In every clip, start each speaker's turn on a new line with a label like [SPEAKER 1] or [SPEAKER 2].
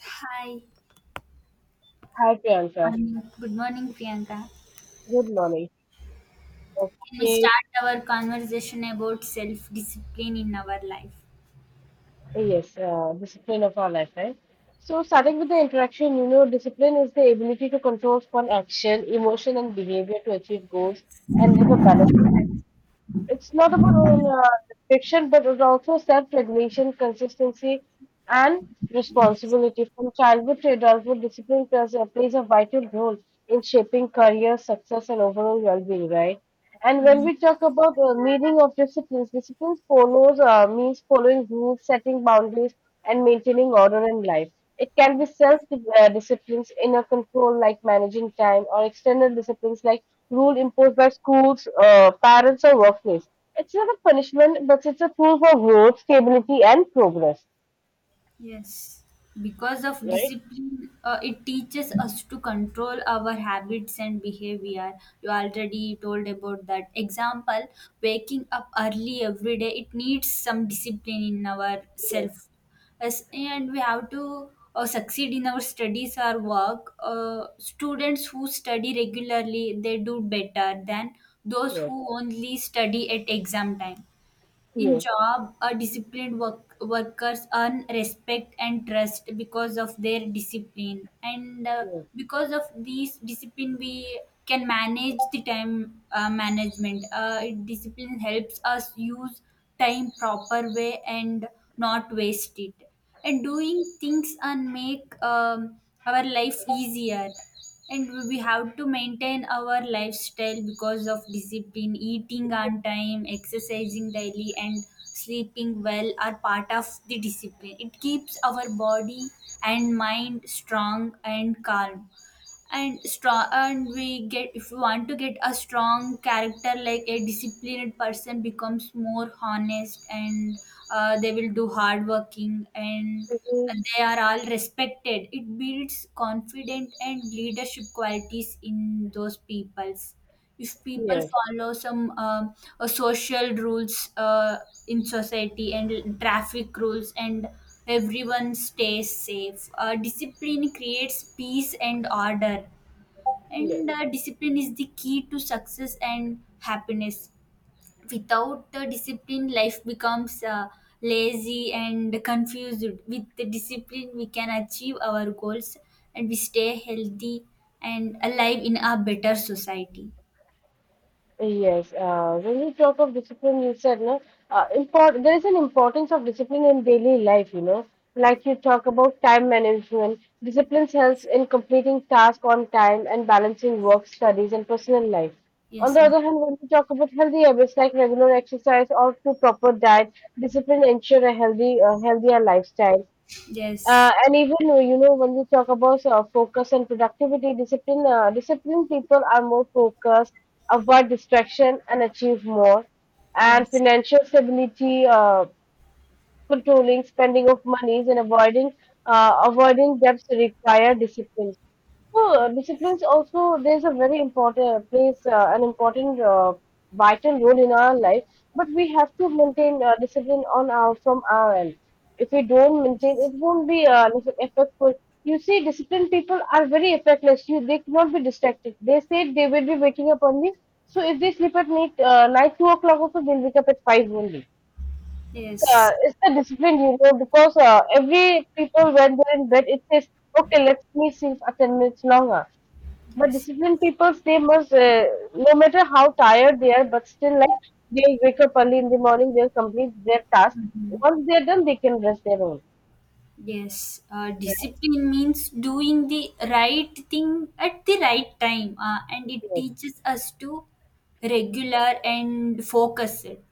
[SPEAKER 1] Hi,
[SPEAKER 2] Hi Priyanka,
[SPEAKER 1] morning. Good morning, Priyanka.
[SPEAKER 2] good morning.
[SPEAKER 1] Can we
[SPEAKER 2] Okay,
[SPEAKER 1] start our conversation about self discipline in our life?
[SPEAKER 2] yes, discipline of our life, right? So starting with the interaction, you know, discipline is the ability to control one action, emotion, and behavior to achieve
[SPEAKER 1] Yes.
[SPEAKER 2] goals and live a balance. It's not about fiction, but it also self-regulation, consistency, and
[SPEAKER 1] Yes.
[SPEAKER 2] responsibility. From childhood to adulthood, discipline plays a vital role in shaping career success and overall well-being, right? And when
[SPEAKER 1] Hmm.
[SPEAKER 2] we talk about the meaning of disciplines, discipline follows means following rules, setting boundaries, and maintaining order in life. It can be self-disciplines, inner control like managing time, or external disciplines like rule imposed by schools, parents, or workplace. It's not a punishment, but it's a tool for growth, stability, and progress,
[SPEAKER 1] Yes, because of
[SPEAKER 2] right?
[SPEAKER 1] discipline, it teaches us to control our habits and behavior. You already told about that example, waking up early every day. It needs some discipline in our
[SPEAKER 2] Yes,
[SPEAKER 1] self. And we have to succeed in our studies or work. Students who study regularly, they do better than those
[SPEAKER 2] yes,
[SPEAKER 1] who only study at exam time. In
[SPEAKER 2] yes,
[SPEAKER 1] job, a disciplined work, workers earn respect and trust because of their discipline. And
[SPEAKER 2] yes,
[SPEAKER 1] because of these discipline, we can manage the time management. Discipline helps us use time proper way and not waste it and doing things and make our life easier. And we have to maintain our lifestyle because of discipline. Eating on time, exercising daily and sleeping well are part of the discipline. It keeps our body and mind strong and calm and strong. And we get, if you want to get a strong character, like a disciplined person becomes more honest and they will do hard working and
[SPEAKER 2] yes,
[SPEAKER 1] they are all respected. It builds confident and leadership qualities in those peoples. If people
[SPEAKER 2] yes,
[SPEAKER 1] follow some social rules, in society, and traffic rules, and everyone stays safe. Discipline creates peace and order.
[SPEAKER 2] yes.
[SPEAKER 1] And discipline is the key to success and happiness. Without the discipline, life becomes lazy and confused. With the discipline, we can achieve our goals and we stay healthy and alive in a better society.
[SPEAKER 2] Yes, when you talk of discipline, you said no. There is an importance of discipline in daily life. Like you talk about time management. Discipline helps in completing tasks on time and balancing work, studies, and personal life. On
[SPEAKER 1] Yes,
[SPEAKER 2] the
[SPEAKER 1] yes.
[SPEAKER 2] other hand, when we talk about healthy habits like regular exercise or to proper diet, discipline ensure a healthy, healthier lifestyle.
[SPEAKER 1] Yes,
[SPEAKER 2] And even when we talk about focus and productivity, disciplined people are more focused, avoid distraction, and achieve more. And
[SPEAKER 1] yes,
[SPEAKER 2] financial stability, controlling spending of monies, and avoiding debts require discipline. So disciplines also there's a very important plays an important vital role in our life, but we have to maintain discipline on our from our end. If we don't maintain, it
[SPEAKER 1] yes,
[SPEAKER 2] won't be effective. You see, disciplined people are very effectless. You they cannot be distracted. They say they will be waking up only. So if they sleep at night, night 2 o'clock also they'll wake up at five only. So,
[SPEAKER 1] yes,
[SPEAKER 2] it's the discipline, you know, because every people when they're in bed, it says, okay, let me sleep for 10 minutes longer. But
[SPEAKER 1] yes.
[SPEAKER 2] disciplined people, they must, no matter how tired they are, but still, like, they wake up early in the morning, they'll complete their task.
[SPEAKER 1] Mhm.
[SPEAKER 2] Once they're done, they can rest their own.
[SPEAKER 1] Yes,
[SPEAKER 2] Right?
[SPEAKER 1] discipline means doing the right thing at the right time, and it teaches us to regular and focus it.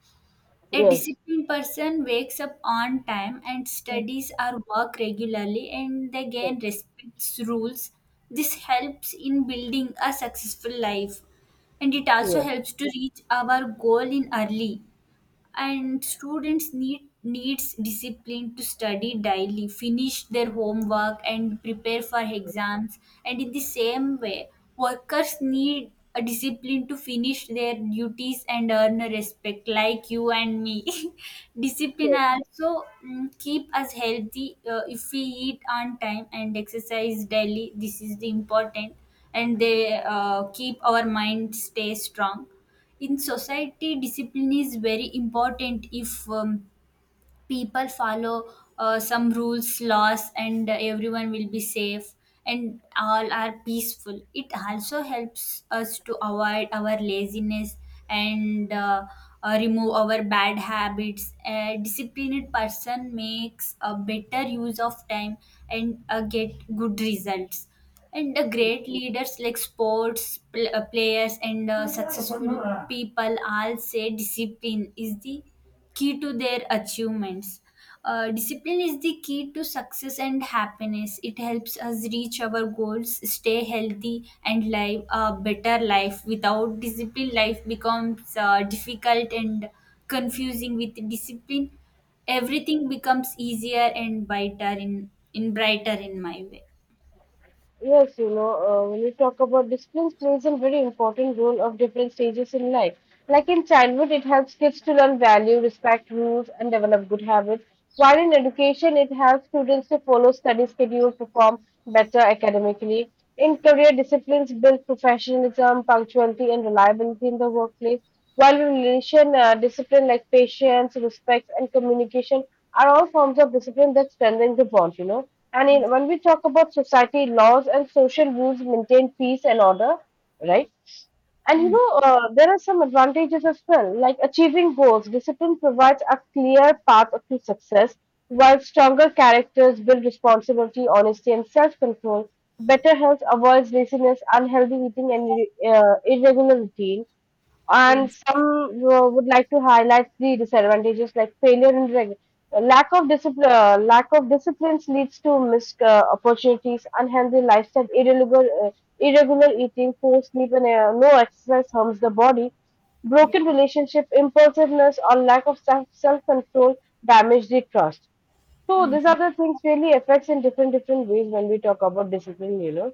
[SPEAKER 1] A
[SPEAKER 2] Yes,
[SPEAKER 1] disciplined person wakes up on time and studies or work regularly, and they
[SPEAKER 2] yes,
[SPEAKER 1] gain respects rules. This helps in building a successful life, and it also
[SPEAKER 2] yes,
[SPEAKER 1] helps to reach our goal in early. And students need needs discipline to study daily, finish their homework and prepare for exams. And in the same way, workers need a discipline to finish their duties and earn a respect like you and me. Discipline
[SPEAKER 2] yes.
[SPEAKER 1] also keep us healthy. If we eat on time and exercise daily, this is the important. And they keep our mind stay strong. In society, discipline is very important. If people follow some rules, laws, and everyone will be safe and all are peaceful. It also helps us to avoid our laziness and remove our bad habits. A disciplined person makes a better use of time and get good results. And great leaders like players and successful people all say discipline is the key to their achievements. Discipline is the key to success and happiness. It helps us reach our goals, stay healthy, and live a better life. Without discipline, life becomes difficult and confusing. With discipline, everything becomes easier and brighter in brighter in my way.
[SPEAKER 2] Yes, you know, when you talk about discipline, plays a very important role of different stages in life. Like in childhood, it helps kids to learn value, respect rules, and develop good habits. While in education, it helps students to follow study schedule, perform better academically. In career, disciplines build professionalism, punctuality, and reliability in the workplace. While relation discipline like patience, respect, and communication are all forms of discipline that strengthen the bond, you know. And in, when we talk about society, laws and social rules maintain peace and order, right? And you
[SPEAKER 1] Mm.
[SPEAKER 2] know, there are some advantages as well, like achieving goals. Discipline provides a clear path to success, while stronger characters build responsibility, honesty, and self control. Better health avoids laziness, unhealthy eating, and irregular routine. And
[SPEAKER 1] Yes.
[SPEAKER 2] some would like to highlight the disadvantages like failure and lack of discipline. Lack of disciplines leads to missed opportunities, unhealthy lifestyle, irregular eating, poor sleep, and no exercise harms the body.
[SPEAKER 1] Yeah.
[SPEAKER 2] Broken relationship, impulsiveness, or lack of self control damage the trust. So these are
[SPEAKER 1] Mm.
[SPEAKER 2] the things really affects in different different ways when we talk about discipline, you know.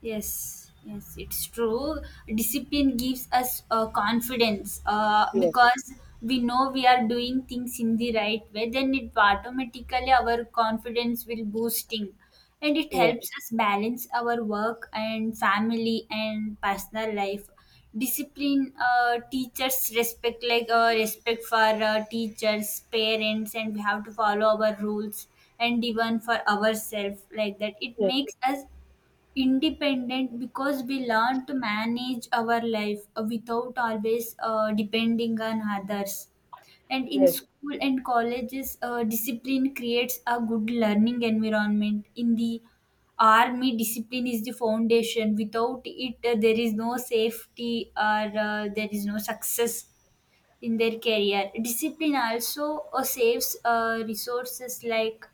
[SPEAKER 1] Yes, yes, it's true. Discipline gives us confidence,
[SPEAKER 2] Yes,
[SPEAKER 1] because we know we are doing things in the right way, then it automatically our confidence will boosting. And it
[SPEAKER 2] yes,
[SPEAKER 1] helps us balance our work and family and personal life. Discipline, teachers respect, like respect for teachers, parents, and we have to follow our rules, and even for ourselves like that. It
[SPEAKER 2] yes,
[SPEAKER 1] makes us independent because we learn to manage our life without always depending on others. And in
[SPEAKER 2] yes,
[SPEAKER 1] school and colleges, discipline creates a good learning environment. In the army, discipline is the foundation. Without it, there is no safety or there is no success in their career. Discipline also saves resources like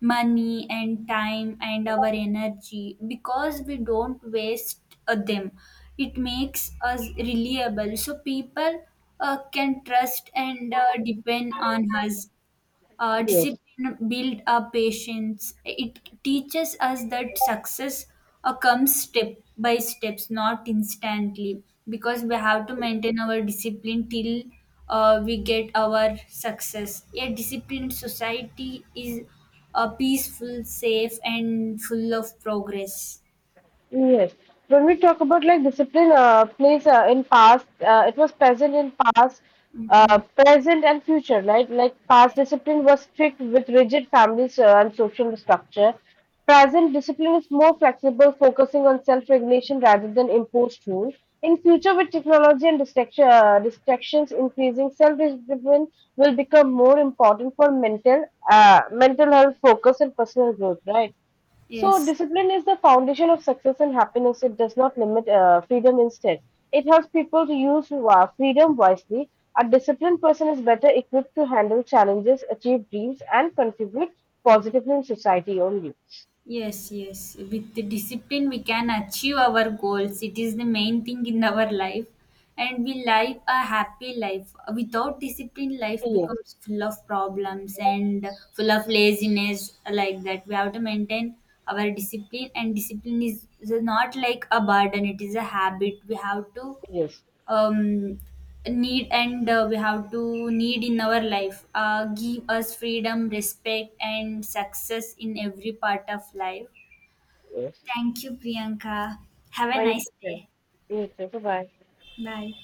[SPEAKER 1] money and time and our energy because we don't waste them. It makes us reliable, so people can trust and depend on us.
[SPEAKER 2] yes,
[SPEAKER 1] Discipline build up patience. It teaches us that success comes step by steps, not instantly, because we have to maintain our discipline till we get our success. A disciplined society is peaceful, safe, and full of progress.
[SPEAKER 2] yes. When we talk about like discipline, plays in past, it was present in past,
[SPEAKER 1] Hmm.
[SPEAKER 2] present and future, right? Like past discipline was strict with rigid families and social structure. Present discipline is more flexible, focusing on self-regulation rather than imposed rules. In future, with technology and distractions increasing, self-discipline will become more important for mental health focus and personal growth, right? So,
[SPEAKER 1] Yes.
[SPEAKER 2] discipline is the foundation of success and happiness. It does not limit freedom instead. It helps people to use freedom wisely. A disciplined person is better equipped to handle challenges, achieve dreams, and contribute positively in society only.
[SPEAKER 1] Yes, yes. With the discipline, we can achieve our goals. It is the main thing in our life. And we live a happy life. Without discipline, life
[SPEAKER 2] Yes,
[SPEAKER 1] becomes full of problems and full of laziness, like that. We have to maintain our discipline, and discipline is not like a burden, it is a habit. We have to
[SPEAKER 2] yes.
[SPEAKER 1] um, need, and we have to need in our life. Give us freedom, respect and success in every part of life. Thank you, Priyanka. Have a
[SPEAKER 2] Thank
[SPEAKER 1] nice day.
[SPEAKER 2] you. Bye bye.
[SPEAKER 1] Bye.